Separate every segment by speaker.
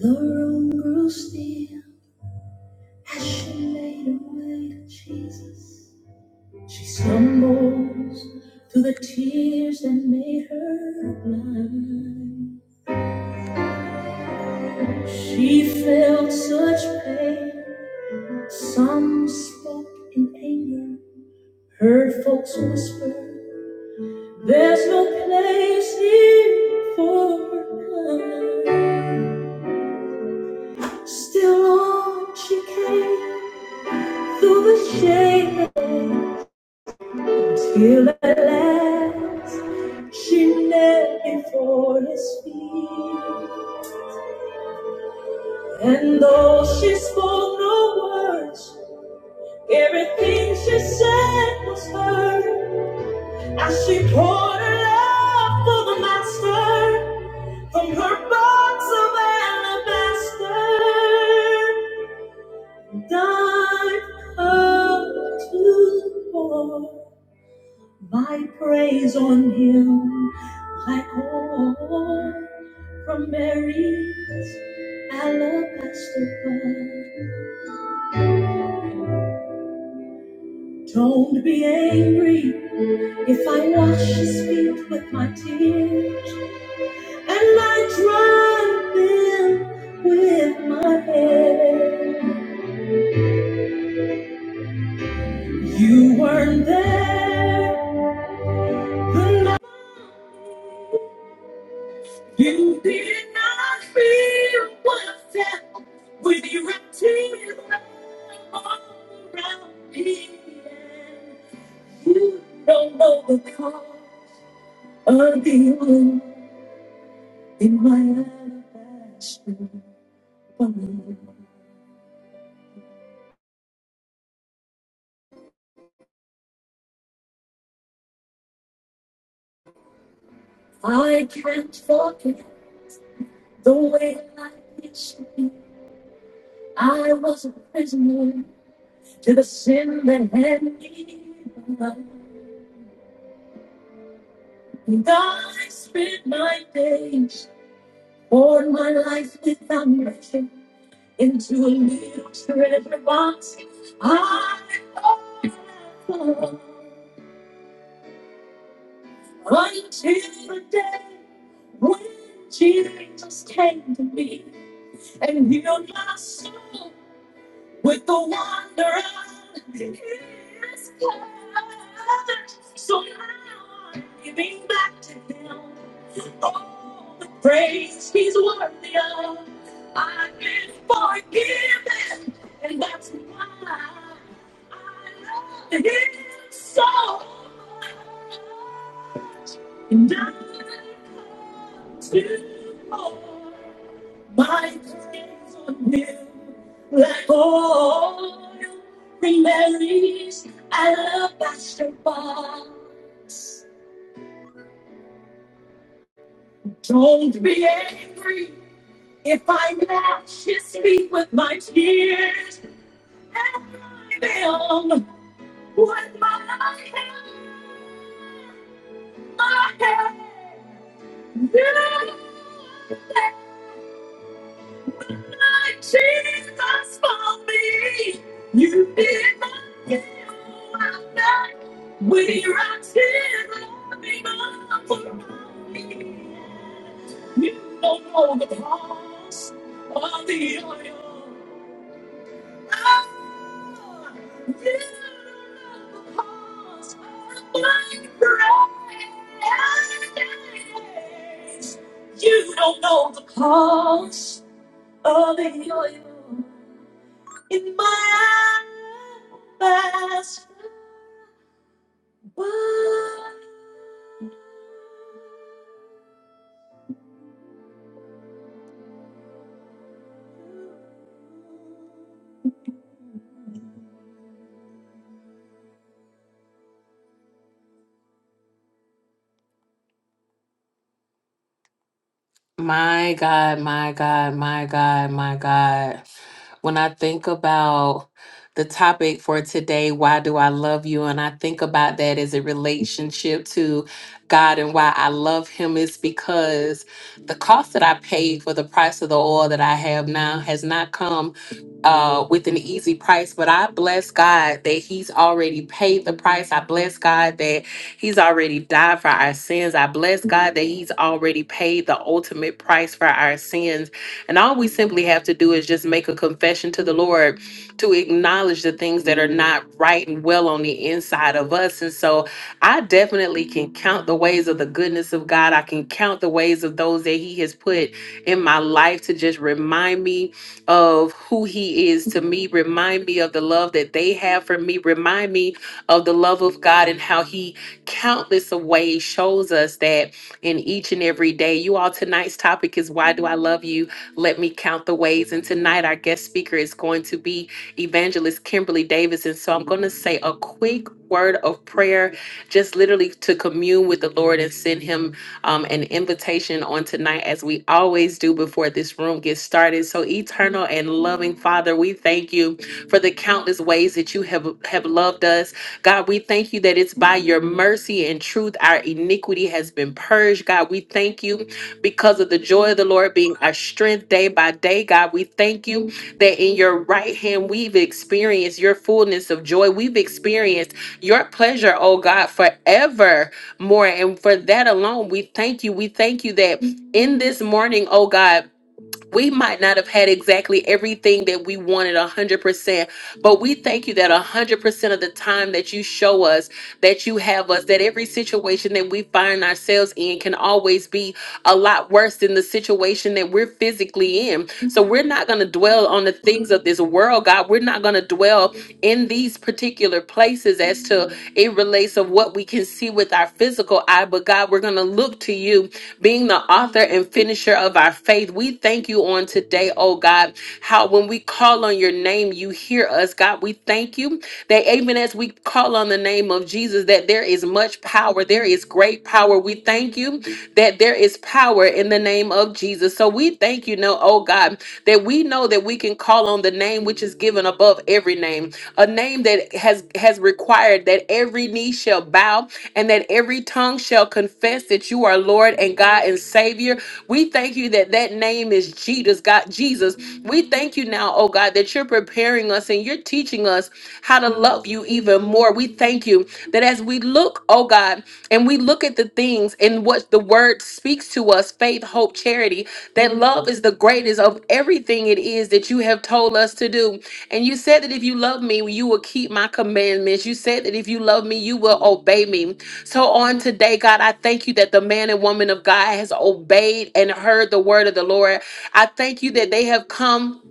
Speaker 1: The room grew still as she made her way to Jesus. She stumbles through the tears that made her blind. She felt such pain. Some spoke in anger, heard folks whisper, There's no place here for her kind. Still on she came through the shade Till at last she knelt before his feet. And though she spoke no words, everything she said was heard. As she poured her love for the master from her box of alabaster, died up to pour. My praise on him like oil from Mary's alabaster bar. Don't be angry if I wash his feet with my tears and I dry them with my hair. You weren't there the night. You did not feel what I felt with your tears all around me. You don't know the cost of the wound in my alabaster bone. I can't forget the way life used to be. I was a prisoner to the sin that had me bound. And I spent my days Poured my life with foundation into a little treasure box. I hope for until the day when Jesus came to me and healed my soul. with the wonder of his power. So now I'm giving back to him all the praise he's worthy of. I've been forgiven, and that's why I love him so much. And I come to more. My friends are new, like all the Mary's. alabaster box. Don't be angry if I lash his feet with my tears and drive him with my hand, my hand. Jesus for me. You did not give up that. We right here loving up for me. You don't know the cost of the oil. Ah, you don't know the cost of my praise. You don't know the cost of the oil in my eyes. My God, my God, my God, my God. When I think about the topic for today, why do I love you? And I think about that as a relationship to God and why I love Him is because the cost that I paid for the price of the oil that I have now has not come. uh, with an easy price. But I bless God that He's already paid the price. I bless God that He's already died for our sins. I bless God that He's already paid the ultimate price for our sins. And all we simply have to do is just make a confession to the Lord to acknowledge the things that are not right and well on the inside of us. And so I definitely can count the ways of the goodness of God. I can count the ways of those that He has put in my life to just remind me of who he is to me. Remind me of the love that they have for me. Remind me of the love of God and how he countless of ways shows us that in each and every day. You all, tonight's topic is why do I love you? Let me count the ways. And tonight our guest speaker is going to be evangelist Kimberly Davis. And so I'm going to say a quick word of prayer, just literally to commune with the Lord and send him um, an invitation on tonight, as we always do before this room gets started. So, eternal and loving Father, we thank you for the countless ways that you have, have loved us. God, we thank you that it's by your mercy and truth our iniquity has been purged. God, we thank you because of the joy of the Lord being our strength day by day. God, we thank you that in your right hand we've experienced your fullness of joy. We've experienced your pleasure, oh God, forever more. And for that alone, we thank you. We thank you that in this morning, oh God, we might not have had exactly everything that we wanted 100%, but we thank you that 100% of the time that you show us, that you have us, that every situation that we find ourselves in can always be a lot worse than the situation that we're physically in. So we're not going to dwell on the things of this world, God. We're not going to dwell in these particular places as to it relates of what we can see with our physical eye, but God, we're going to look to you being the author and finisher of our faith. We thank you on today, oh God, how when we call on your name, you hear us, God. We thank you that even as we call on the name of Jesus, that there is much power, there is great power. We thank you that there is power in the name of Jesus. So we thank you, no, oh God, that we know that we can call on the name which is given above every name, a name that has has required that every knee shall bow and that every tongue shall confess confess that you are Lord and God and Savior. We thank you that that name is Jesus, God, Jesus. We thank you now, oh God, that you're preparing us and you're teaching us how to love you even more. We thank you that as we look, oh God, and we look at the things and what the word speaks to us faith, hope, charity that love is the greatest of everything it is that you have told us to do. And you said that if you love me, you will keep my commandments. You said that if you love me, you will obey me. So on today, God, I thank you that the man and woman of God has obeyed and heard the word of the Lord. I thank you that they have come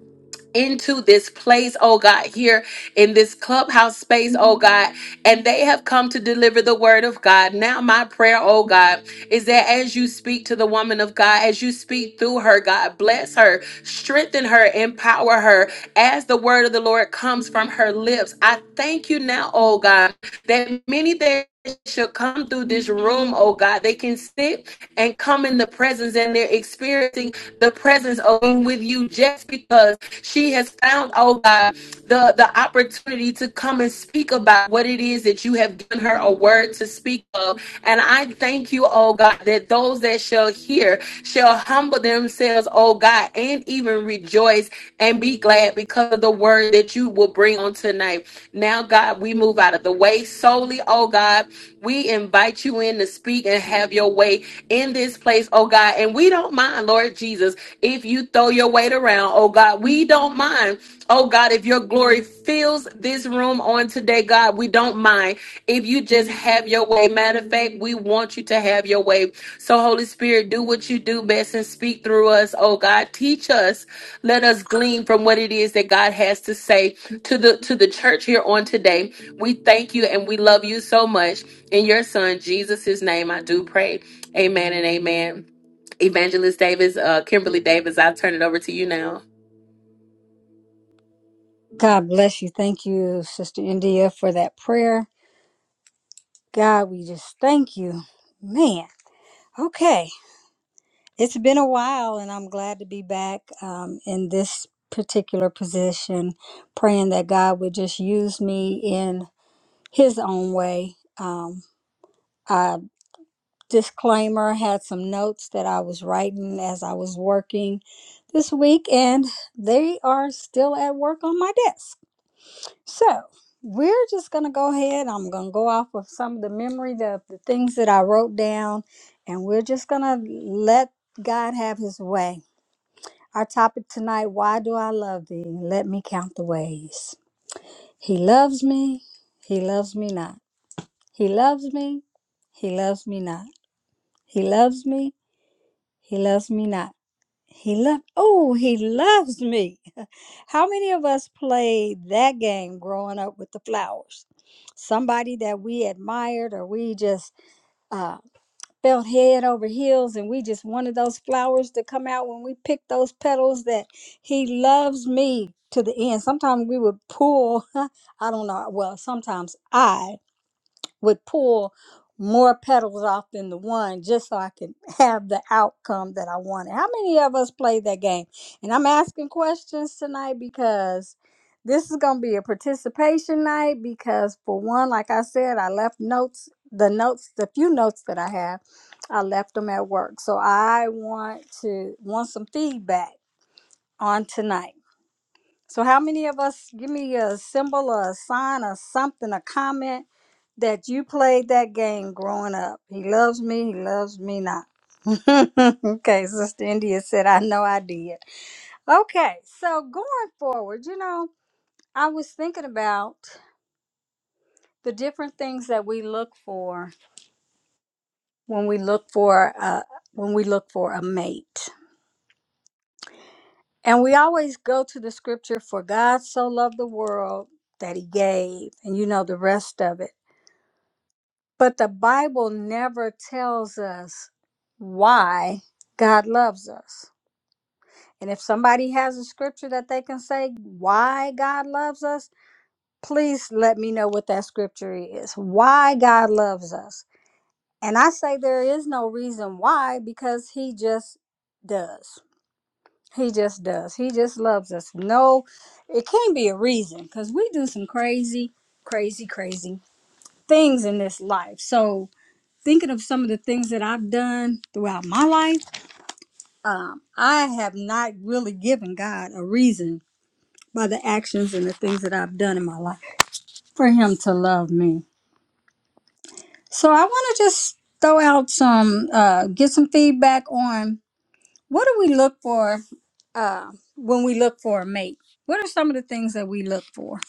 Speaker 1: into this place, oh God, here in this clubhouse space, oh God, and they have come to deliver the word of God. Now, my prayer, oh God, is that as you speak to the woman of God, as you speak through her, God, bless her, strengthen her, empower her as the word of the Lord comes from her lips. I thank you now, oh God, that many that shall come through this room, oh God, they can sit and come in the presence and they're experiencing the presence of being with you just because. She has found, oh God, the, the opportunity to come and speak about what it is that you have given her a word to speak of and I thank you, oh God, that those that shall hear shall humble themselves, oh God, and even rejoice and be glad because of the word that you will bring on tonight. Now, God, we move out of the way solely, oh God. We invite you in to speak and have your way in this place, oh God. And we don't mind, Lord Jesus, if you throw your weight around, oh God. We don't mind, oh God. if. If your glory fills this room on today, God, we don't mind. If you just have your way, matter of fact, we want you to have your way. So, Holy Spirit, do what you do best and speak through us, oh God. Teach us. Let us glean from what it is that God has to say to the to the church here on today. We thank you and we love you so much. In your son, Jesus' name, I do pray. Amen and amen. Evangelist Davis, uh, Kimberly Davis, I turn it over to you now.
Speaker 2: God bless you. Thank you, Sister India, for that prayer. God, we just thank you. Man, okay. It's been a while, and I'm glad to be back um, in this particular position, praying that God would just use me in His own way. Um, I, disclaimer had some notes that I was writing as I was working this week, and they are still at work on my desk. So we're just going to go ahead. I'm going to go off of some of the memory, the, the things that I wrote down, and we're just going to let God have his way. Our topic tonight Why do I love thee? Let me count the ways. He loves me. He loves me not. He loves me. He loves me not. He loves me. He loves me not. He loved, oh, he loves me. How many of us played that game growing up with the flowers? Somebody that we admired, or we just uh, felt head over heels, and we just wanted those flowers to come out when we picked those petals that he loves me to the end. Sometimes we would pull, I don't know, well, sometimes I would pull more petals off than the one just so I can have the outcome that I wanted. How many of us played that game? And I'm asking questions tonight because this is going to be a participation night because for one, like I said, I left notes, the notes, the few notes that I have, I left them at work. So I want to want some feedback on tonight. So, how many of us give me a symbol or a sign or something, a comment that you played that game growing up? He loves me, he loves me not. okay, Sister India said, I know I did. Okay, so going forward, you know, I was thinking about the different things that we look for when we look for uh, when we look for a mate. And we always go to the scripture for God so loved the world that he gave and you know the rest of it. But the Bible never tells us why God loves us. And if somebody has a scripture that they can say why God loves us, please let me know what that scripture is. Why God loves us. And I say there is no reason why because he just does. He just does. He just loves us. No, it can't be a reason because we do some crazy, crazy, crazy things in this life. So, thinking of some of the things that I've done throughout my life, um, I have not really given God a reason by the actions and the things that I've done in my life for Him to love me. So I want to just throw out some, uh, get some feedback on what do we look for uh, when we look for a mate? What are some of the things that we look for?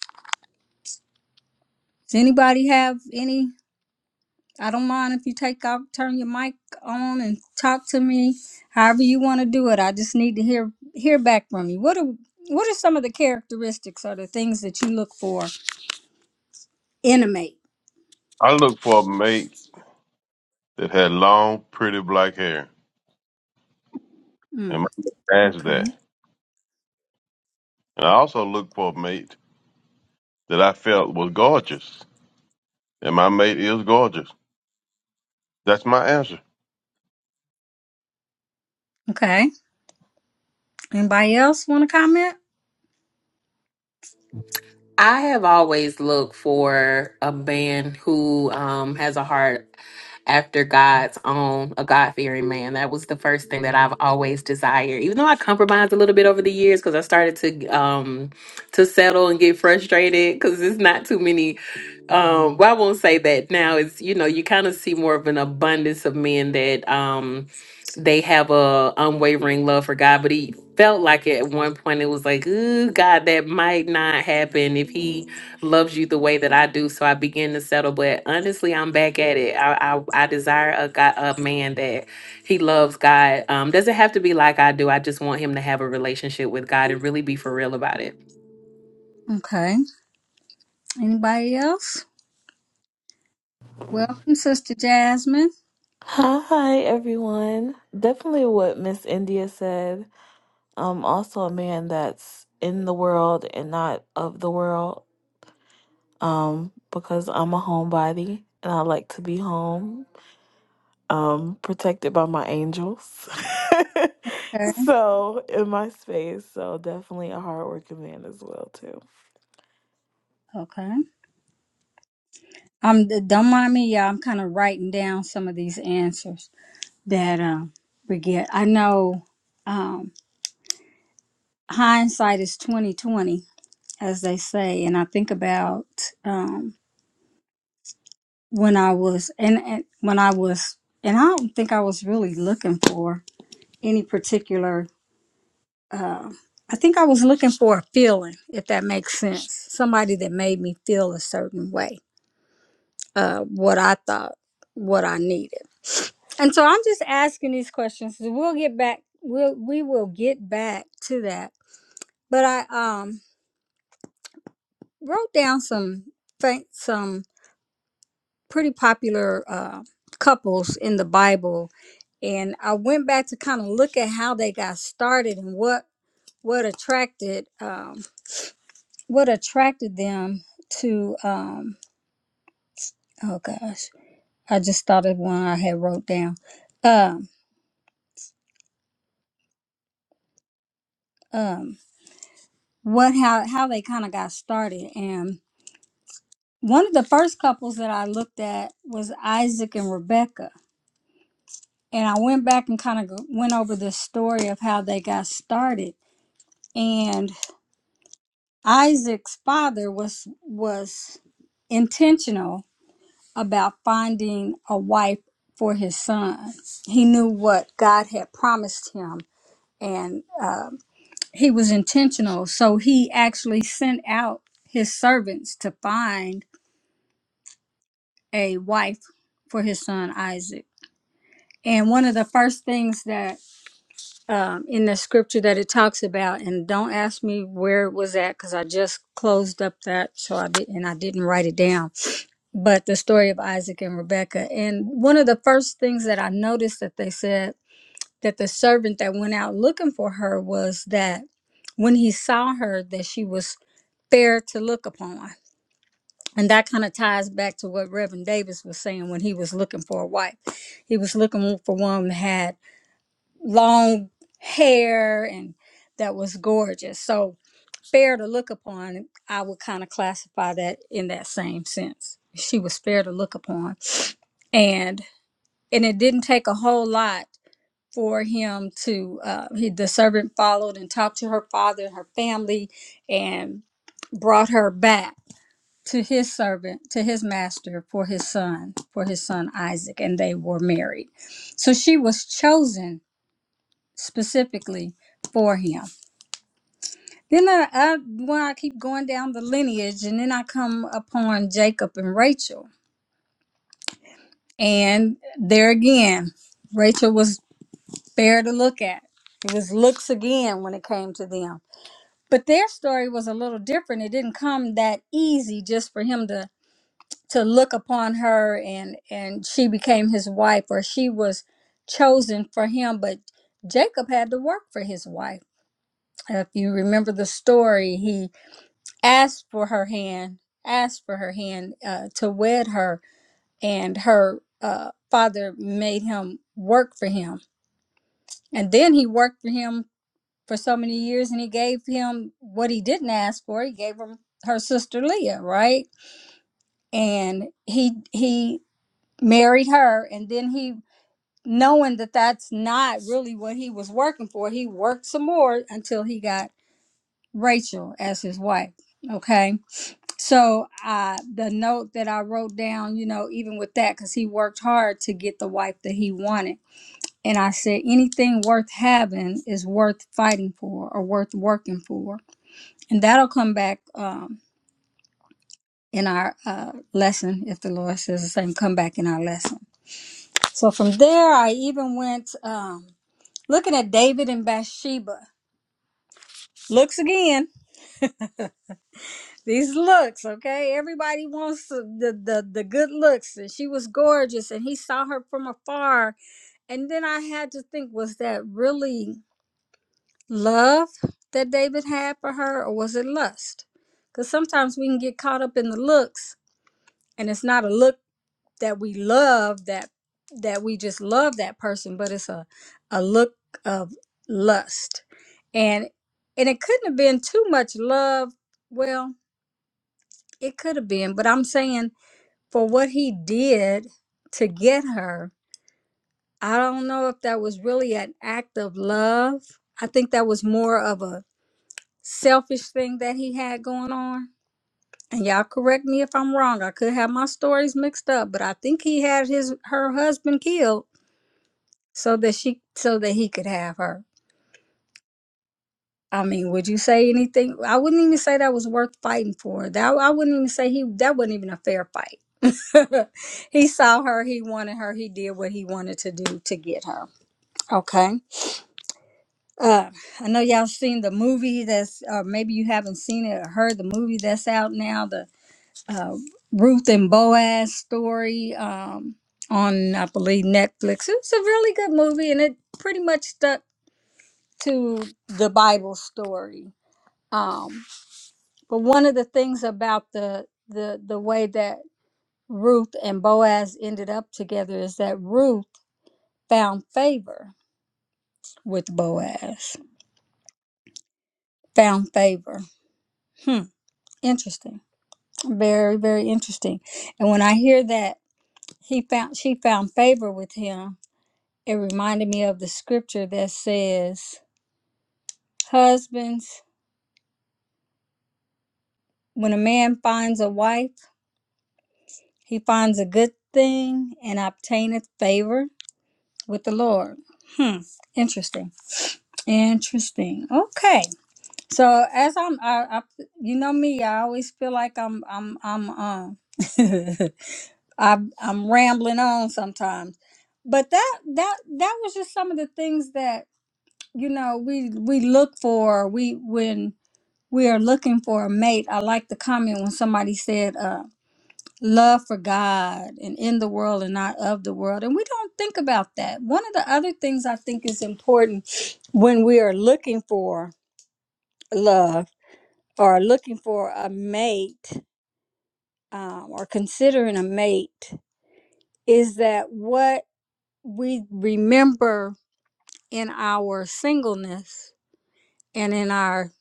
Speaker 2: Does anybody have any? I don't mind if you take off, turn your mic on, and talk to me. However you want to do it. I just need to hear hear back from you. What are what are some of the characteristics or the things that you look for in a mate?
Speaker 3: I looked for a mate that had long, pretty black hair, and
Speaker 2: Mm,
Speaker 3: my mate has
Speaker 2: okay.
Speaker 3: that. And I also looked for a mate that I felt was gorgeous, and my mate is gorgeous. That's my answer.
Speaker 2: Okay. Anybody else want to comment?
Speaker 1: I have always looked for a man who um, has a heart after God's own, a God fearing man. That was the first thing that I've always desired. Even though I compromised a little bit over the years because I started to um, to settle and get frustrated because it's not too many. Um, well, I won't say that now. It's you know you kind of see more of an abundance of men that um, they have a unwavering love for God, but he felt like at one point it was like, ooh, God, that might not happen if he loves you the way that I do. So I began to settle. But honestly, I'm back at it. I I, I desire a God, a man that he loves God. Um, doesn't have to be like I do. I just want him to have a relationship with God and really be for real about it.
Speaker 2: Okay. Anybody else? Welcome, Sister Jasmine.
Speaker 4: Hi, everyone. Definitely what Miss India said. Um, also a man that's in the world and not of the world. Um, because I'm a homebody and I like to be home. Um, protected by my angels.
Speaker 2: Okay.
Speaker 4: so in my space. So definitely a hardworking man as well too.
Speaker 2: Okay. Um, d- don't mind me, y'all. I'm kind of writing down some of these answers that um we get. I know um hindsight is 2020 as they say. And I think about um, when I was and, and when I was and I don't think I was really looking for any particular. Uh, I think I was looking for a feeling, if that makes sense. Somebody that made me feel a certain way, uh, what I thought, what I needed. And so I'm just asking these questions. We'll get back. We'll we will get back to that. But I um wrote down some fa- some pretty popular uh, couples in the Bible, and I went back to kind of look at how they got started and what what attracted um, what attracted them to. Um, oh gosh, I just thought of one I had wrote down. Um, um, what how how they kind of got started, and one of the first couples that I looked at was Isaac and Rebecca. And I went back and kind of went over the story of how they got started. And Isaac's father was was intentional about finding a wife for his son. He knew what God had promised him, and uh, he was intentional. So he actually sent out his servants to find a wife for his son Isaac. And one of the first things that um, in the scripture that it talks about, and don't ask me where it was at because I just closed up that, so I did, and I didn't write it down but the story of Isaac and Rebecca. And one of the first things that I noticed that they said that the servant that went out looking for her was that when he saw her, that she was fair to look upon. And that kind of ties back to what Reverend Davis was saying when he was looking for a wife. He was looking for one that had long hair and that was gorgeous. So fair to look upon, I would kind of classify that in that same sense. She was fair to look upon, and and it didn't take a whole lot for him to. Uh, he, the servant followed and talked to her father and her family, and brought her back to his servant to his master for his son for his son Isaac, and they were married. So she was chosen specifically for him Then I, I when I keep going down the lineage, and then I come upon Jacob and Rachel, and there again, Rachel was fair to look at. It was looks again when it came to them. But their story was a little different. It didn't come that easy just for him to to look upon her and and she became his wife or she was chosen for him. But Jacob had to work for his wife. If you remember the story, he asked for her hand, asked for her hand uh, to wed her, and her uh, father made him work for him. And then he worked for him for so many years, and he gave him what he didn't ask for. He gave him her sister Leah, right? And he he married her, and then he knowing that that's not really what he was working for he worked some more until he got rachel as his wife okay So uh, the note that I wrote down, you know, even with that, because he worked hard to get the wife that he wanted. And I said, anything worth having is worth fighting for or worth working for. And that'll come back um, in our uh, lesson, if the Lord says the same, come back in our lesson. So from there, I even went um, looking at David and Bathsheba. Looks again. These looks, okay? Everybody wants the, the the the good looks, and she was gorgeous, and he saw her from afar, and then I had to think, was that really love that David had for her, or was it lust? Because sometimes we can get caught up in the looks, and it's not a look that we love that that we just love that person, but it's a a look of lust, and and it couldn't have been too much love. Well, it could have been, but I'm saying for what he did to get her. I don't know if that was really an act of love. I think that was more of a selfish thing that he had going on. And y'all correct me if I'm wrong. I could have my stories mixed up, but I think he had his her husband killed so that she so that he could have her. I mean, would you say anything? I wouldn't even say that was worth fighting for. That I wouldn't even say he that wasn't even a fair fight. he saw her, he wanted her, he did what he wanted to do to get her. Okay. Uh, I know y'all seen the movie that's, or maybe you haven't seen it or heard the movie that's out now, the uh, Ruth and Boaz story um, on, I believe, Netflix. It's a really good movie and it pretty much stuck to the Bible story. Um, but one of the things about the, the, the way that Ruth and Boaz ended up together is that Ruth found favor with Boaz, found favor. Hmm interesting Very, very interesting. And when I hear that he found she found favor with him, it reminded me of the scripture that says, Husbands, when a man finds a wife, he finds a good thing and obtaineth favor with the Lord. Hmm. Interesting. Interesting. Okay. So as I'm I, I you know me, I always feel like I'm I'm I'm um I, I'm rambling on sometimes, but that that that was just some of the things that you know we we look for. We when we are looking for a mate. I like the comment when somebody said, uh, "Love for God and in the world and not of the world," and we don't think about that. One of the other things I think is important when we are looking for love or looking for a mate um, or considering a mate is that what we remember in our singleness and in our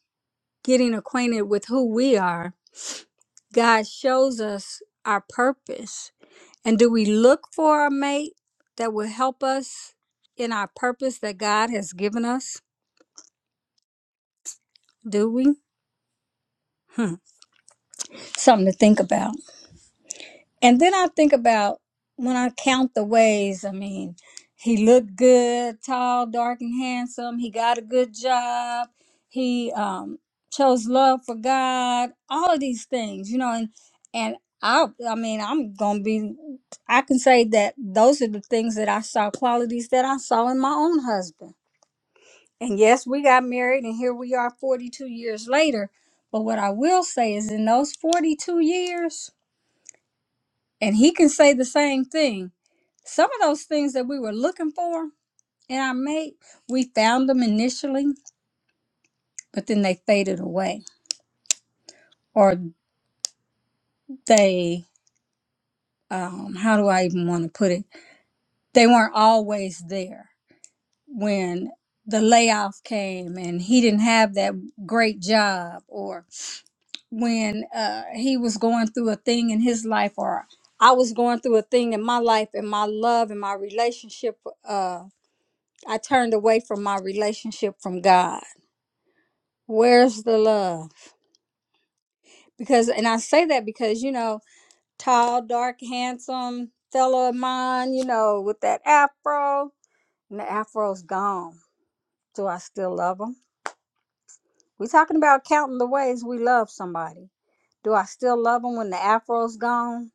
Speaker 2: getting acquainted with who we are, God shows us our purpose. And do we look for a mate that will help us in our purpose that God has given us? Do we? Hmm. Something to think about. And then I think about when I count the ways, I mean, he looked good, tall, dark, and handsome. He got a good job. He um, chose love for God. All of these things, you know, and and I, I mean, I'm gonna be. I can say that those are the things that I saw, qualities that I saw in my own husband. And yes, we got married, and here we are, 42 years later. But what I will say is, in those 42 years, and he can say the same thing. Some of those things that we were looking for in our mate, we found them initially, but then they faded away. Or they, um, how do I even want to put it? They weren't always there when the layoff came and he didn't have that great job, or when uh, he was going through a thing in his life, or I was going through a thing in my life and my love and my relationship. Uh, I turned away from my relationship from God. Where's the love? Because, and I say that because, you know, tall, dark, handsome fellow of mine, you know, with that afro, and the afro's gone. Do I still love him? We're talking about counting the ways we love somebody. Do I still love him when the afro's gone?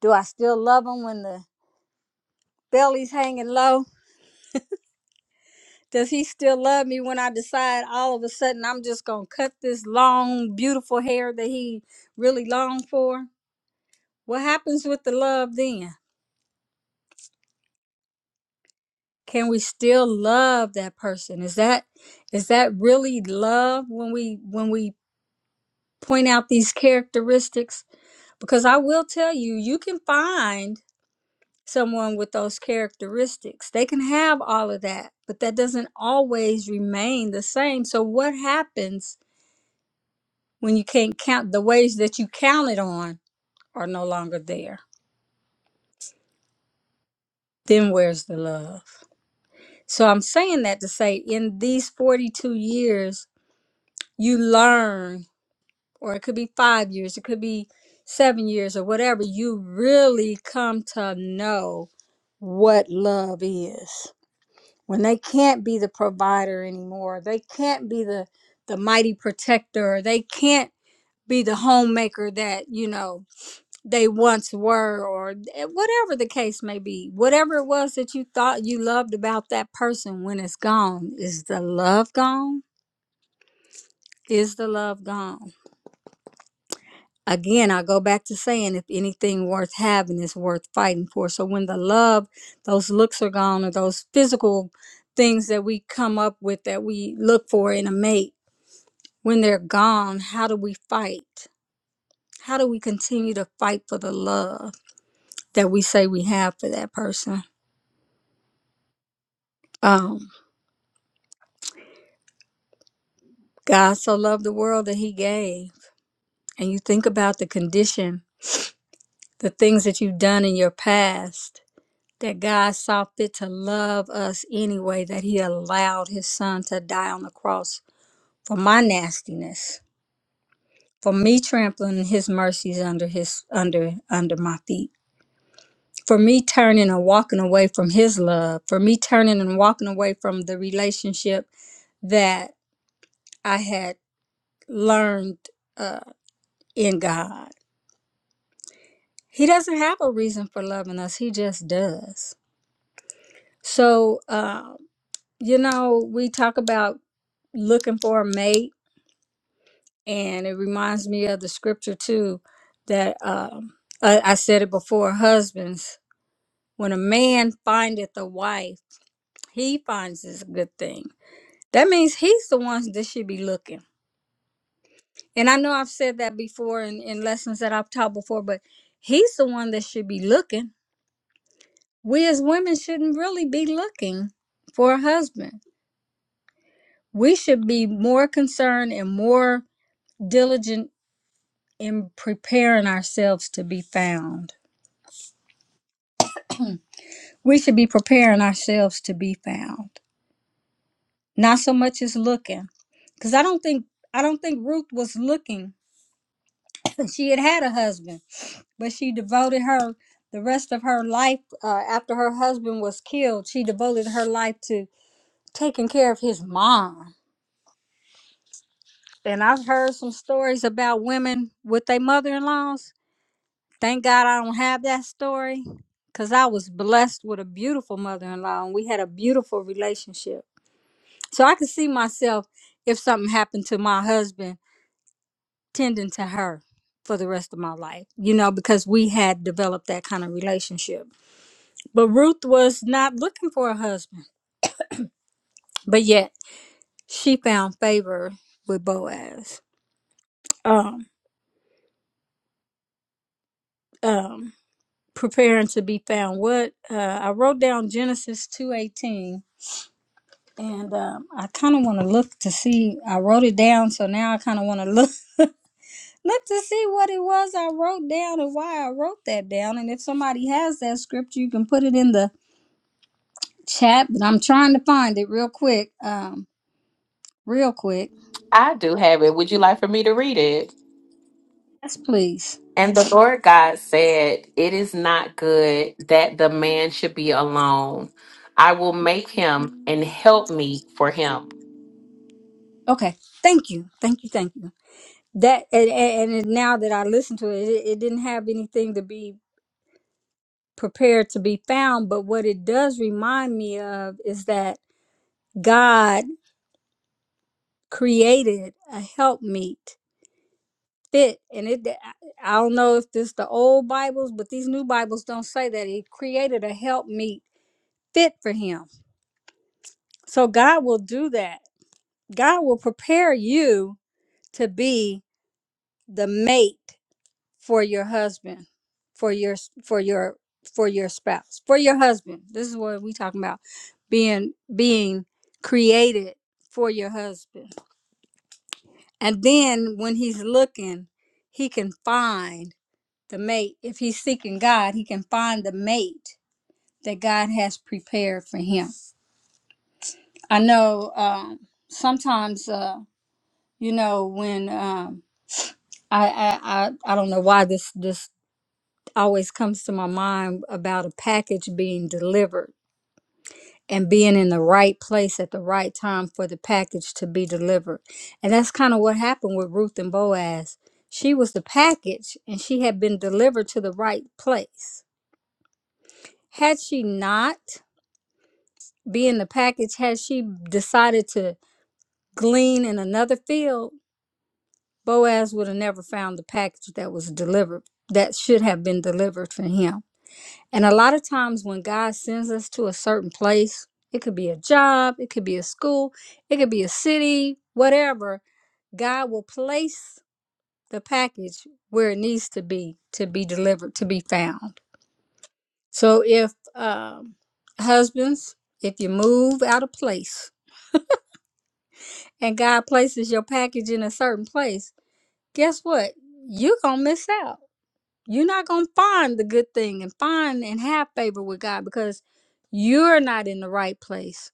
Speaker 2: Do I still love him when the belly's hanging low? Does he still love me when I decide all of a sudden I'm just going to cut this long, beautiful hair that he really longed for? What happens with the love then? Can we still love that person? Is that is that really love when we when we point out these characteristics? Because I will tell you, you can find someone with those characteristics. They can have all of that, but that doesn't always remain the same. So what happens When you can't count, the ways that you counted on are no longer there. Then where's the love? So I'm saying that to say in these 42 years, you learn, or it could be five years, it could be seven years, or whatever, you really come to know what love is. When they can't be the provider anymore, they can't be the, the mighty protector, they can't be the homemaker that, you know, they once were or eh, whatever the case may be whatever it was that you thought you loved about that person when it's gone is the love gone is the love gone again i go back to saying if anything worth having is worth fighting for so when the love those looks are gone or those physical things that we come up with that we look for in a mate when they're gone how do we fight how do we continue to fight for the love that we say we have for that person Um, God so loved the world that he gave. And you think about the condition, the things that you've done in your past, that God saw fit to love us anyway, that he allowed his son to die on the cross for my nastiness, for me trampling his mercies under his under under my feet. For me turning and walking away from his love, for me turning and walking away from the relationship that I had learned uh, in God He doesn't have a reason for loving us, he just does. So, um, you know, we talk about looking for a mate, and it reminds me of the scripture too that um, I, I said it before husbands, when a man findeth a wife, he finds is a good thing. That means he's the one that should be looking. And I know I've said that before in, in lessons that I've taught before, but he's the one that should be looking we as women shouldn't really be looking for a husband. We should be more concerned and more diligent in preparing ourselves to be found. We should be preparing ourselves to be found, not so much as looking. Because I don't think I don't think Ruth was looking. She had had a husband, but she devoted her the rest of her life uh, after her husband was killed. She devoted her life to taking care of his mom And I've heard some stories about women with their mother in laws. Thank God I don't have that story because I was blessed with a beautiful mother in law and we had a beautiful relationship. So I could see myself, if something happened to my husband, tending to her for the rest of my life, you know, because we had developed that kind of relationship. But Ruth was not looking for a husband, but yet she found favor with Boaz. Um, um, preparing to be found what uh, i wrote down genesis 2.18 and um, i kind of want to look to see i wrote it down so now i kind of want to look look to see what it was i wrote down and why i wrote that down and if somebody has that scripture you can put it in the chat but i'm trying to find it real quick um, real quick
Speaker 1: I do have it. Would you like for me to read it?
Speaker 2: yes please
Speaker 1: And the Lord God said, It is not good that the man should be alone. I will make him and help me for him.
Speaker 2: okay thank you thank you thank you that and, and, and now that i listened to it, it it didn't have anything to be prepared to be found. But what it does remind me of is that God created a helpmeet fit. And it I don't know if this the old Bibles, but these new Bibles don't say that. He created a helpmeet fit for him. So God will do that. God will prepare you to be the mate for your husband for your for your for your spouse for your husband this is what we talking about being being created for your husband and then when he's looking he can find the mate if he's seeking god he can find the mate that god has prepared for him i know um sometimes uh you know when um I, I i i don't know why this this always comes to my mind about a package being delivered and being in the right place at the right time for the package to be delivered. And that's kind of what happened with Ruth and Boaz. She was the package and she had been delivered to the right place. Had she not been the package, had she decided to glean in another field, Boaz would have never found the package that was delivered, that should have been delivered for him. And a lot of times when God sends us to a certain place, it could be a job, it could be a school, it could be a city, whatever, God will place the package where it needs to be to be delivered, to be found. So if um, husbands, if you move out of place and God places your package in a certain place, guess what? You're going to miss out. You're not going to find the good thing and find and have favor with God because you're not in the right place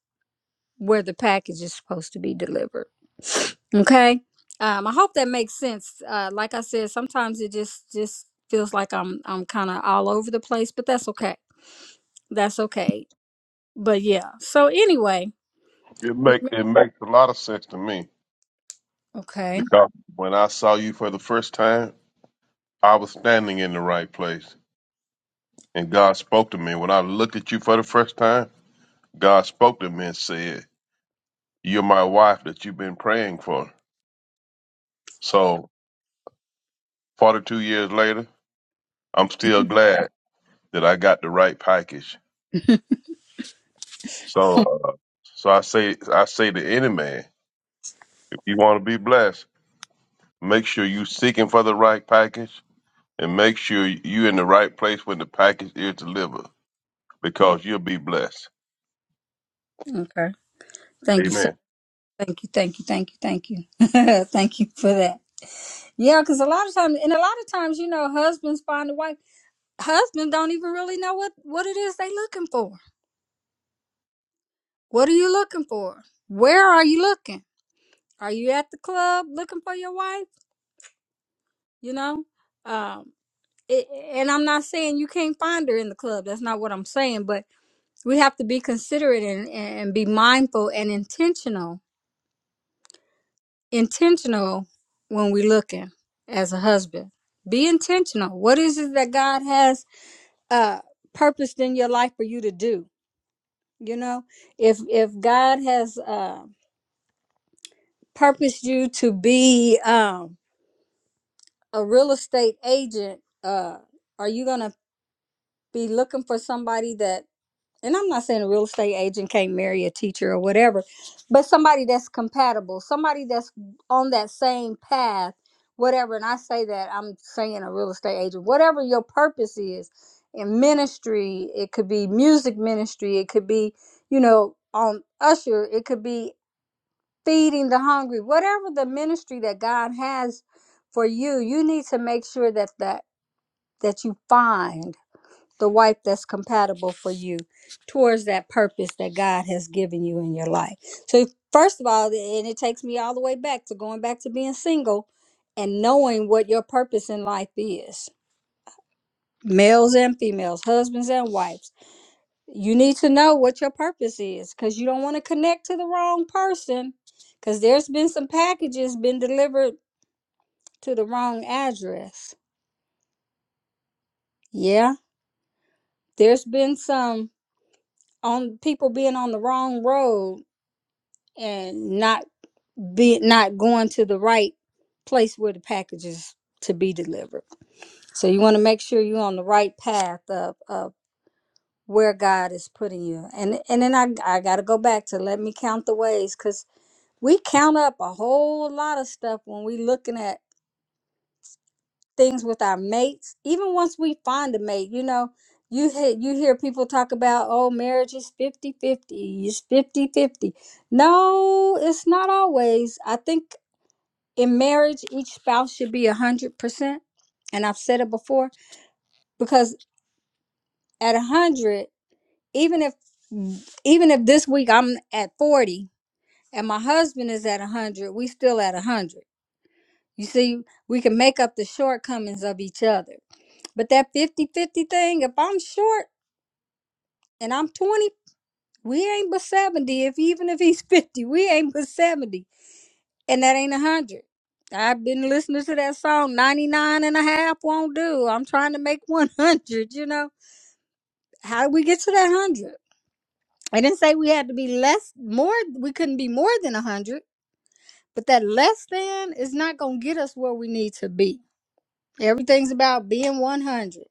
Speaker 2: where the package is supposed to be delivered. Okay. Um, I hope that makes sense. Uh, like I said, sometimes it just just feels like I'm I'm kind of all over the place, but that's okay. That's okay. But yeah. So anyway,
Speaker 3: It make
Speaker 2: remember-
Speaker 3: it makes a lot of sense to me
Speaker 2: okay.
Speaker 3: because when I saw you for the first time, I was standing in the right place, and God spoke to me. When I looked at you for the first time, God spoke to me and said, "You're my wife that you've been praying for." So, 42 years later, I'm still glad that I got the right package. So, uh, so I say, I say to any man, if you want to be blessed, make sure you seeking for the right package, and make sure you in the right place when the package is delivered, because you'll be blessed.
Speaker 2: Okay. Thank you, sir.
Speaker 3: Amen.
Speaker 2: Thank you. Thank you. Thank you. Thank you. thank you for that. Yeah, because a lot of times, and a lot of times, you know, husbands find a wife. Husbands don't even really know what what it is they looking for. What are you looking for? Where are you looking? Are you at the club looking for your wife? You know, um, it, and I'm not saying you can't find her in the club. That's not what I'm saying. But we have to be considerate and, and be mindful and intentional, intentional when we looking as a husband. Be intentional. What is it that God has uh, purposed in your life for you to do? You know, if if God has uh, purposed you to be um, a real estate agent. Uh, are you gonna be looking for somebody that and I'm not saying a real estate agent can't marry a teacher or whatever, but somebody that's compatible, somebody that's on that same path, whatever. And I say that I'm saying a real estate agent, whatever your purpose is in ministry, it could be music ministry, it could be, you know, on usher, it could be feeding the hungry, whatever the ministry that God has for you, you need to make sure that that that you find the wife that's compatible for you towards that purpose that God has given you in your life. So, first of all, and it takes me all the way back to going back to being single and knowing what your purpose in life is males and females, husbands and wives. You need to know what your purpose is because you don't want to connect to the wrong person because there's been some packages been delivered to the wrong address. Yeah, there's been some on people being on the wrong road and not be not going to the right place where the package is to be delivered. So you want to make sure you're on the right path of, of where God is putting you. And and then I I got to go back to let me count the ways cuz we count up a whole lot of stuff when we looking at things with our mates. Even once we find a mate, you know, you hear, you hear people talk about oh marriage is fifty fifty. it's fifty fifty. No, it's not always. I think in marriage each spouse should be 100% and i've said it before because at 100 even if even if this week i'm at 40 and my husband is at 100 we still at 100 you see we can make up the shortcomings of each other but that 5050 thing if i'm short and i'm 20 we ain't but 70 if even if he's 50 we ain't but 70 and that ain't a hundred. I've been listening to that song 99 won't do. I'm trying to make 100, you know. How did we get to that 100? I didn't say we had to be less, more, we couldn't be more than 100, but that less than is not going to get us where we need to be. Everything's about being 100.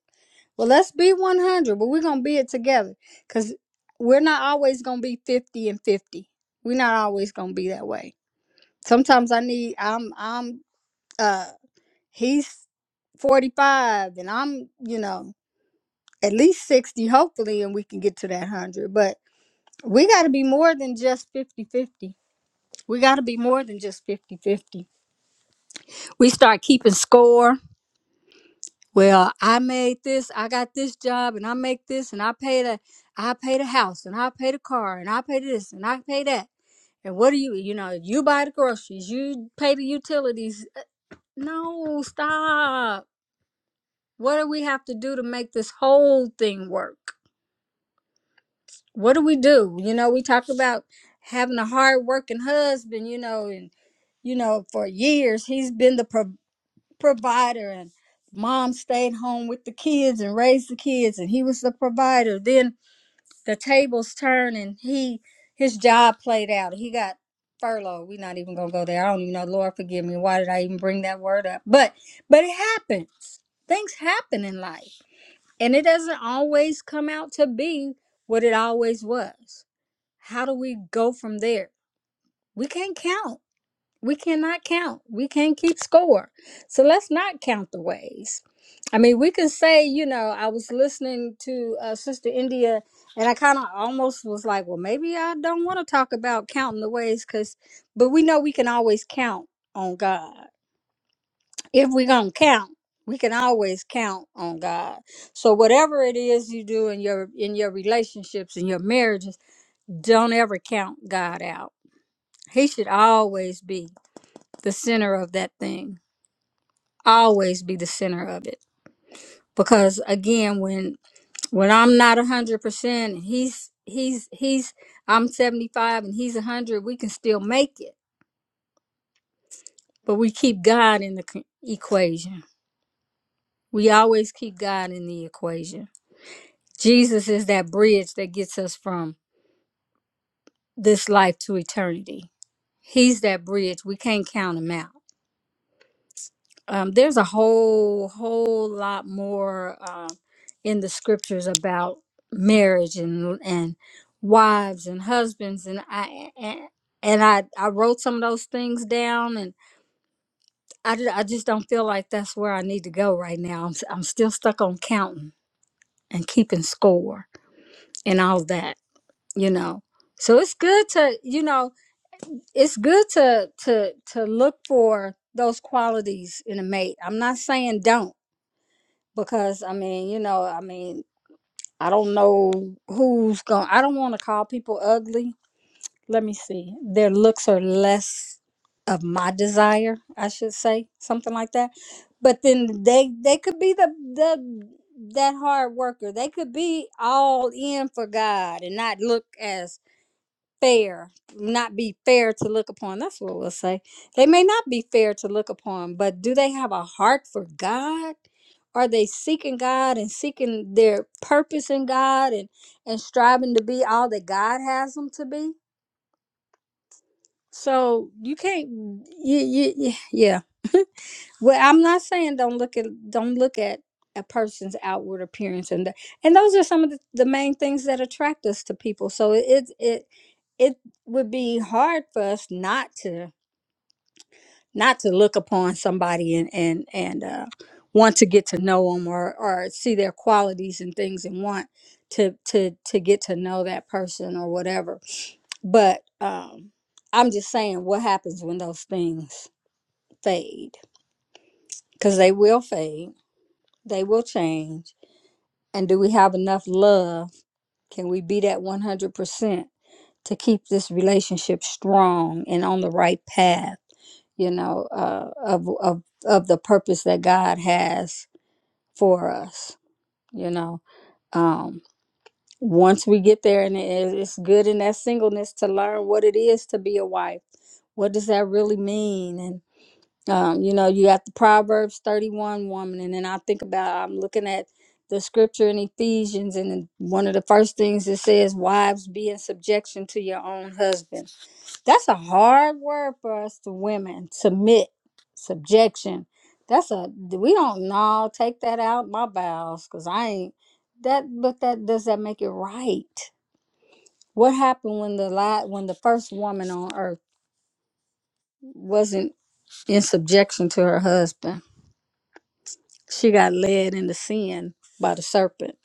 Speaker 2: Well, let's be 100, but we're going to be it together because we're not always going to be 50 and 50. We're not always going to be that way. Sometimes I need, I'm, I'm, Uh. he's 45 and I'm, you know, at least 60, hopefully, and we can get to that 100. But we got to be more than just fifty-fifty. We got to be more than just fifty-fifty. We start keeping score. Well, I made this, I got this job, and I make this, and I pay the, I pay the house, and I pay the car, and I pay this, and I pay that. And what do you, you know, you buy the groceries, you pay the utilities. No, stop. What do we have to do to make this whole thing work? what do we do? You know, we talk about having a hard working husband, you know, and you know, for years he's been the pro- provider and mom stayed home with the kids and raised the kids and he was the provider. Then the tables turned and he his job played out. He got furloughed. We're not even gonna go there. I don't even know, Lord forgive me, why did I even bring that word up? But but it happens. Things happen in life. And it doesn't always come out to be what it always was how do we go from there? We can't count. We cannot count. We can't keep score. So let's not count the ways. I mean, we can say, you know, I was listening to uh, Sister India and I kind of almost was like, well, maybe I don't want to talk about counting the ways because, but we know we can always count on God. If we're going to count, we can always count on God. So whatever it is you do in your in your relationships in your marriages, don't ever count God out he should always be the center of that thing. Always be the center of it. Because again, when when I'm not a hundred percent, and he's he's he's I'm seventy five and he's a hundred. We can still make it, but we keep God in the c- equation. We always keep God in the equation. Jesus is that bridge that gets us from this life to eternity. He's that bridge. We can't count him out. um, there's a whole whole lot more um, in the scriptures about marriage and and wives and husbands and I and, and I I wrote some of those things down and I ju- I just don't feel like that's where I need to go right now. I'm s- I'm still stuck on counting and keeping score and all that, you know. So it's good to you know it's good to to to look for those qualities in a mate. I'm not saying don't because I mean, you know, I mean, I don't know who's going. to I don't want to call people ugly. Let me see. Their looks are less of my desire, I should say, something like that. But then they they could be the the that hard worker. They could be all in for God and not look as fair, not be fair to look upon. That's what we'll say. They may not be fair to look upon, but do they have a heart for God? Are they seeking God and seeking their purpose in God and, and striving to be all that God has them to be? So you can't, you, you, yeah. yeah. Well, I'm not saying don't look at don't look at a person's outward appearance and th- and those are some of the, the main things that attract us to people. So it it it it would be hard for us not to not to look upon somebody and and and uh, want to get to know them or or see their qualities and things and want to to to get to know that person or whatever. But um, I'm just saying, what happens when those things fade? Because they will fade They will change. And do we have enough love? Can we be that 100% to keep this relationship strong and on the right path, you know, uh, of, of, of the purpose that God has for us, you know? Um, once we get there, and it- it's good in that singleness to learn what it is to be a wife. What does that really mean? And. Um, you know, you got the Proverbs 31 woman, and then I think about I'm looking at the scripture in Ephesians, and then one of the first things it says, Wives, be in subjection to your own husband. That's a hard word for us to women. Submit, subjection. That's a we don't know, take that out my bowels, because I ain't that but that does that make it right? What happened when the la when the first woman on earth wasn't in subjection to her husband? She got led into sin by the serpent.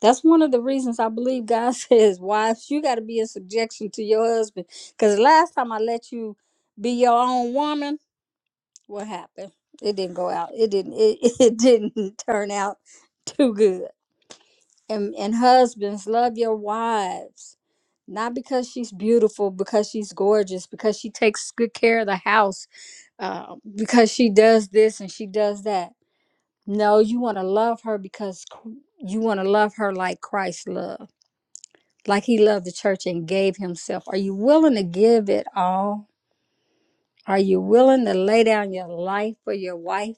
Speaker 2: That's one of the reasons I believe God says, wives, you got to be in subjection to your husband. Because last time I let you be your own woman, what happened? It didn't go out. It didn't. It, it didn't turn out too good. And and husbands, love your wives, not because she's beautiful, because she's gorgeous, because she takes good care of the house, uh, because she does this and she does that no, you want to love her because c- you want to love her like Christ loved, like he loved the church and gave himself. Are you willing to give it all? Are you willing to lay down your life for your wife?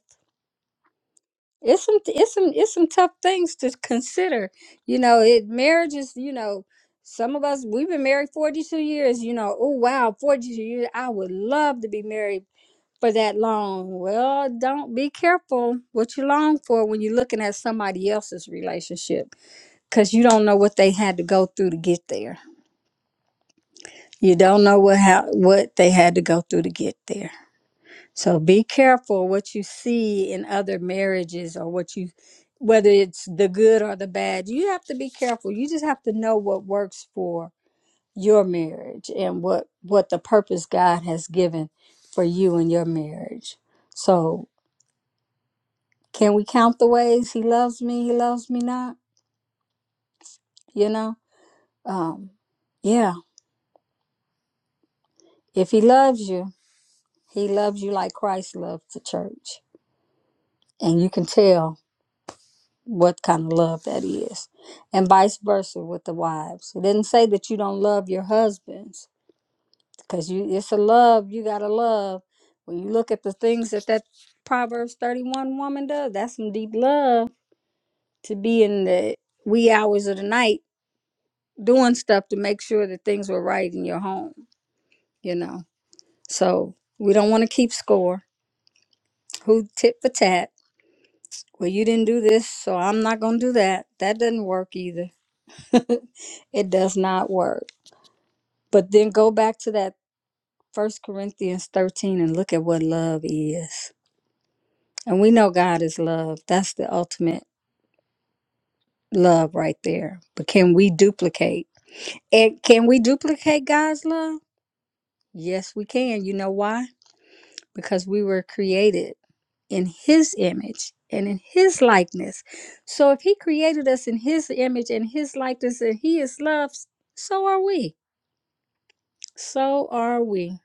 Speaker 2: It's some, it's some, it's some tough things to consider. You know, it marriage is, you know, some of us we've been married forty two years. You know, oh wow, forty two years. I would love to be married for that long. Well, don't be careful what you long for when you're looking at somebody else's relationship because you don't know what they had to go through to get there. You don't know what how what they had to go through to get there. So be careful what you see in other marriages or what you whether it's the good or the bad. You have to be careful. You just have to know what works for your marriage and what what the purpose God has given for you and your marriage. So can we count the ways he loves me, he loves me not, you know? Um yeah, if he loves you, He loves you like Christ loved the church. And you can tell what kind of love that is. And vice versa with the wives. It didn't say that you don't love your husbands because you it's a love you got to love. When you look at the things that that Proverbs 31 woman does, that's some deep love to be in the wee hours of the night doing stuff to make sure that things were right in your home, you know. So we don't want to keep score. Who tit for tat? Well, you didn't do this, so I'm not going to do that. That doesn't work either. It does not work. But then go back to that First Corinthians 13 and look at what love is. And we know God is love. That's the ultimate love right there. But can we duplicate? And can we duplicate God's love? Yes, we can. You know why? because we were created in his image and in his likeness. So if he created us in his image and his likeness and he is love, so are we. So are we.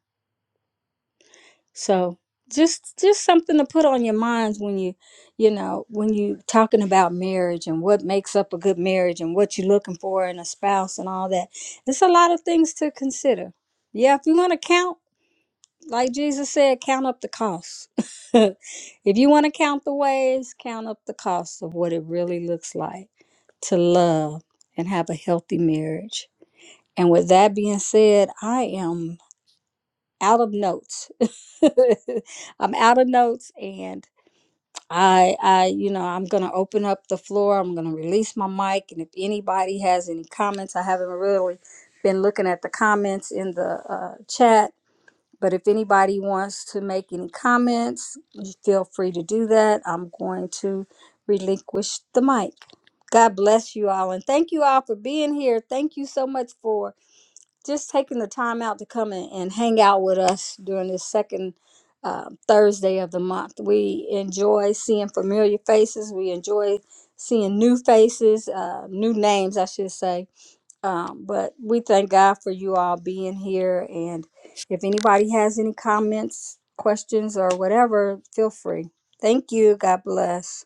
Speaker 2: So just just something to put on your minds when you you know when you talking about marriage and what makes up a good marriage and what you're looking for in a spouse and all that it's a lot of things to consider yeah if you want to count Like Jesus said, count up the cost. if you want to count the ways, count up the cost of what it really looks like to love and have a healthy marriage. And with that being said, I am out of notes. I'm out of notes and I I you know, I'm going to open up the floor. I'm going to release my mic and if anybody has any comments, I haven't really been looking at the comments in the uh, chat but if anybody wants to make any comments, you feel free to do that. I'm going to relinquish the mic. God bless you all and thank you all for being here. Thank you so much for just taking the time out to come in and hang out with us during this second uh, Thursday of the month. We enjoy seeing familiar faces, we enjoy seeing new faces, uh, new names, I should say um, but we thank God for you all being here. And if anybody has any comments, questions, or whatever, feel free. Thank you. God bless.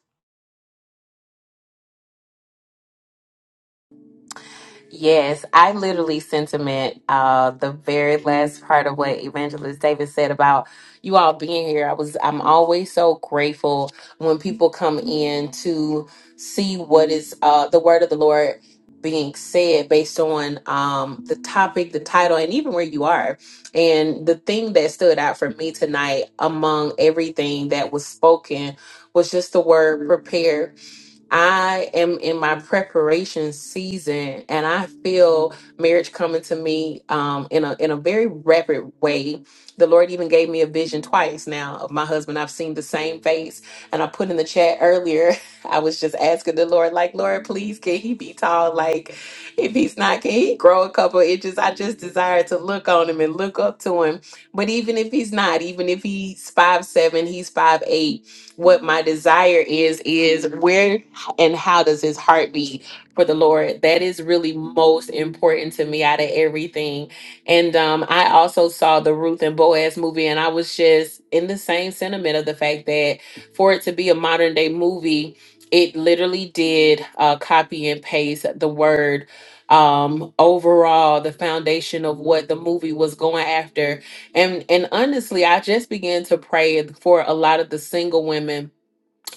Speaker 1: Yes, I literally sentiment uh the very last part of what Evangelist David said about you all being here. I was I'm always so grateful when people come in to see what is uh the word of the Lord being said based on um the topic, the title, and even where you are. And the thing that stood out for me tonight among everything that was spoken was just the word prepare I am in my preparation season, and I feel marriage coming to me um, in a in a very rapid way. The Lord even gave me a vision twice now of my husband. I've seen the same face, and I put in the chat earlier. I was just asking the Lord, like, Lord, please, can he be tall? Like, if he's not, can he grow a couple inches? I just desire to look on him and look up to him. But even if he's not, even if he's five seven, he's five eight what my desire is is where and how does his heart be for the Lord? That is really most important to me out of everything. And um, I also saw the Ruth and Boaz movie, and I was just in the same sentiment of the fact that for it to be a modern day movie, it literally did uh, copy and paste the word um overall the foundation of what the movie was going after and and honestly i just began to pray for a lot of the single women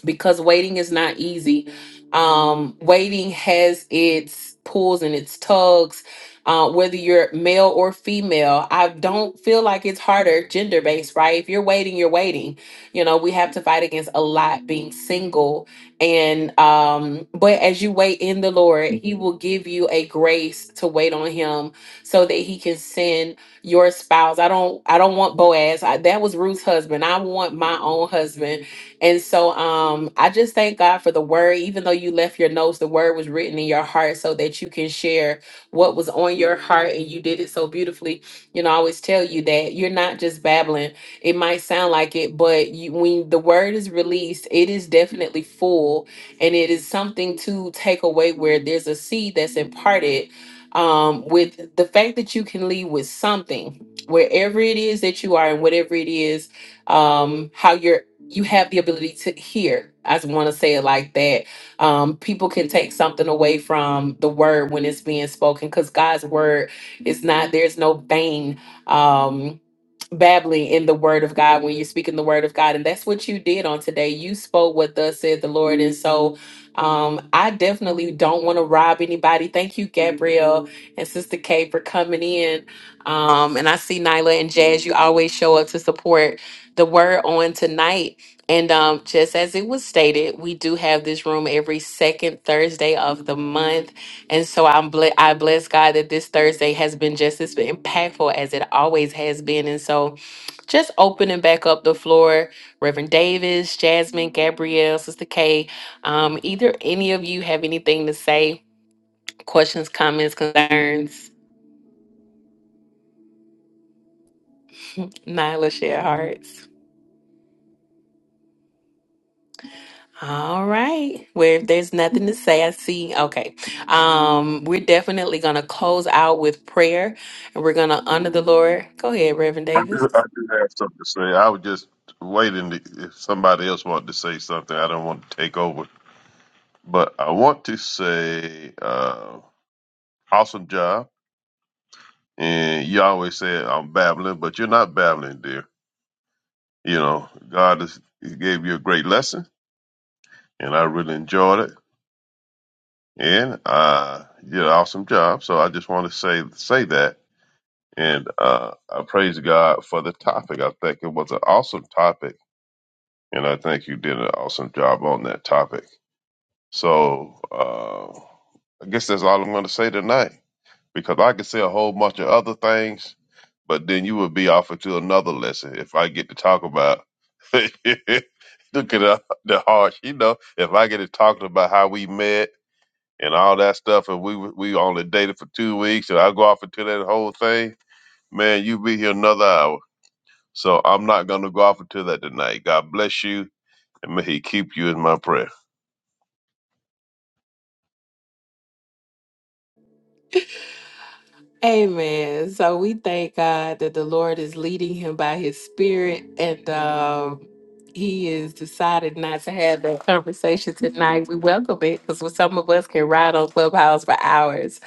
Speaker 1: because waiting is not easy. Um, waiting has its pulls and its tugs, uh, whether you're male or female. I don't feel like it's harder gender based, right? If you're waiting, you're waiting. You know, we have to fight against a lot being single. And, um, but as you wait in the Lord, He will give you a grace to wait on Him so that He can send your spouse. I don't, I don't want Boaz. I, that was Ruth's husband. I want my own husband and so um I just thank God for the word even though you left your notes the word was written in your heart so that you can share what was on your heart and you did it so beautifully. You know, I always tell you that you're not just babbling. It might sound like it, but you, when the word is released, it is definitely full and it is something to take away where there's a seed that's imparted um with the fact that you can leave with something wherever it is that you are and whatever it is um how you're you have the ability to hear. I just want to say it like that. Um, people can take something away from the word when it's being spoken because God's word is not, there's no vain. Um, babbling in the word of God when you're speaking the word of God. And that's what you did on today. You spoke what thus said the Lord. And so um, I definitely don't want to rob anybody. Thank you, Gabrielle and Sister Kay, for coming in. Um, and I see Nyla and Jazz, you always show up to support the word on tonight. And um, just as it was stated, we do have this room every second Thursday of the month. And so I'm ble- I bless God that this Thursday has been just as impactful as it always has been. And so just opening back up the floor, Reverend Davis, Jasmine, Gabrielle, Sister K, um, either any of you have anything to say, questions, comments, concerns, Nyla, share hearts. All right. Well, if there's nothing to say, I see. Okay. Um, we're definitely gonna close out with prayer and we're gonna honor the Lord. Go ahead, Reverend
Speaker 3: I do,
Speaker 1: Davis.
Speaker 3: I do have something to say. I was just waiting to, if somebody else wanted to say something. I don't want to take over, but I want to say, uh, awesome job. And you always say I'm babbling, but you're not babbling, dear You know, God has he gave you a great lesson, and I really enjoyed it, and uh, you did an awesome job. So I just want to say say that, and uh, I praise God for the topic. I think it was an awesome topic, and I think you did an awesome job on that topic. So uh, I guess that's all I'm going to say tonight. because I could say a whole bunch of other things, but then you would be offered to another lesson if I get to talk about. Look at the, the harsh, you know. If I get to talking about how we met and all that stuff, and we were- we only dated for two weeks, and I go off into that whole thing, man, you be here another hour. So I'm not gonna go off into that tonight. God bless you, and may He keep you in my prayer.
Speaker 1: Amen. So we thank God that the Lord is leading him by his spirit and um he is decided not to have that conversation tonight. We welcome it because some of us can ride on Clubhouse for hours.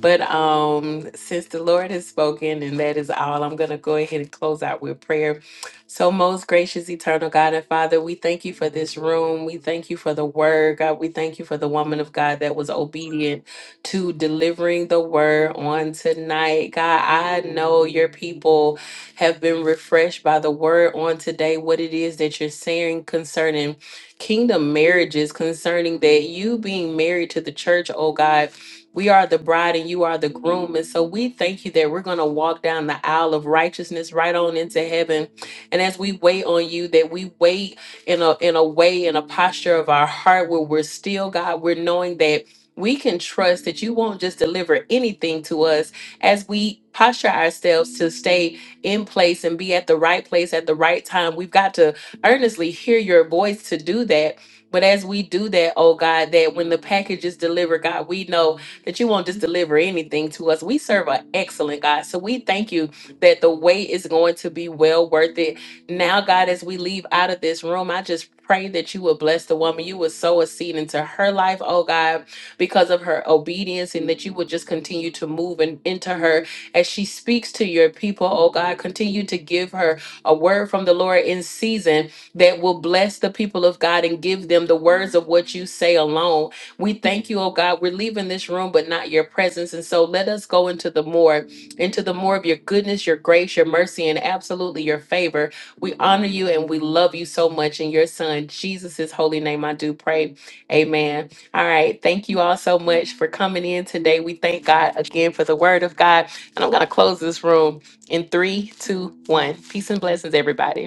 Speaker 1: But um, since the Lord has spoken, and that is all, I'm going to go ahead and close out with prayer. So, most gracious, eternal God and Father, we thank you for this room. We thank you for the word, God. We thank you for the woman of God that was obedient to delivering the word on tonight. God, I know your people have been refreshed by the word on today, what it is that you're saying concerning kingdom marriages, concerning that you being married to the church, oh God we are the bride and you are the groom. And so we thank you that we're going to walk down the aisle of righteousness right on into heaven. And as we wait on you, that we wait in a in a way, in a posture of our heart where we're still, God, we're knowing that we can trust that you won't just deliver anything to us as we posture ourselves to stay in place and be at the right place at the right time. We've got to earnestly hear your voice to do that. But as we do that, oh God, that when the package is delivered, God, we know that you won't just deliver anything to us. We serve an excellent God. So we thank you that the wait is going to be well worth it. Now, God, as we leave out of this room, I just pray that you will bless the woman. You would sow a seed into her life, oh God, because of her obedience, and that you would just continue to move and into her as she speaks to your people, oh God. Continue to give her a word from the Lord in season that will bless the people of God and give them the words of what you say alone. We thank you, oh God. We're leaving this room, but not your presence. And so let us go into the more, into the more of your goodness, your grace, your mercy, and absolutely your favor. We honor you and we love you so much. In your son, Jesus' holy name, I do pray. Amen. All right. Thank you all so much for coming in today. We thank God again for the word of God. And I'm going to close this room in three, two, one. Peace and blessings, everybody.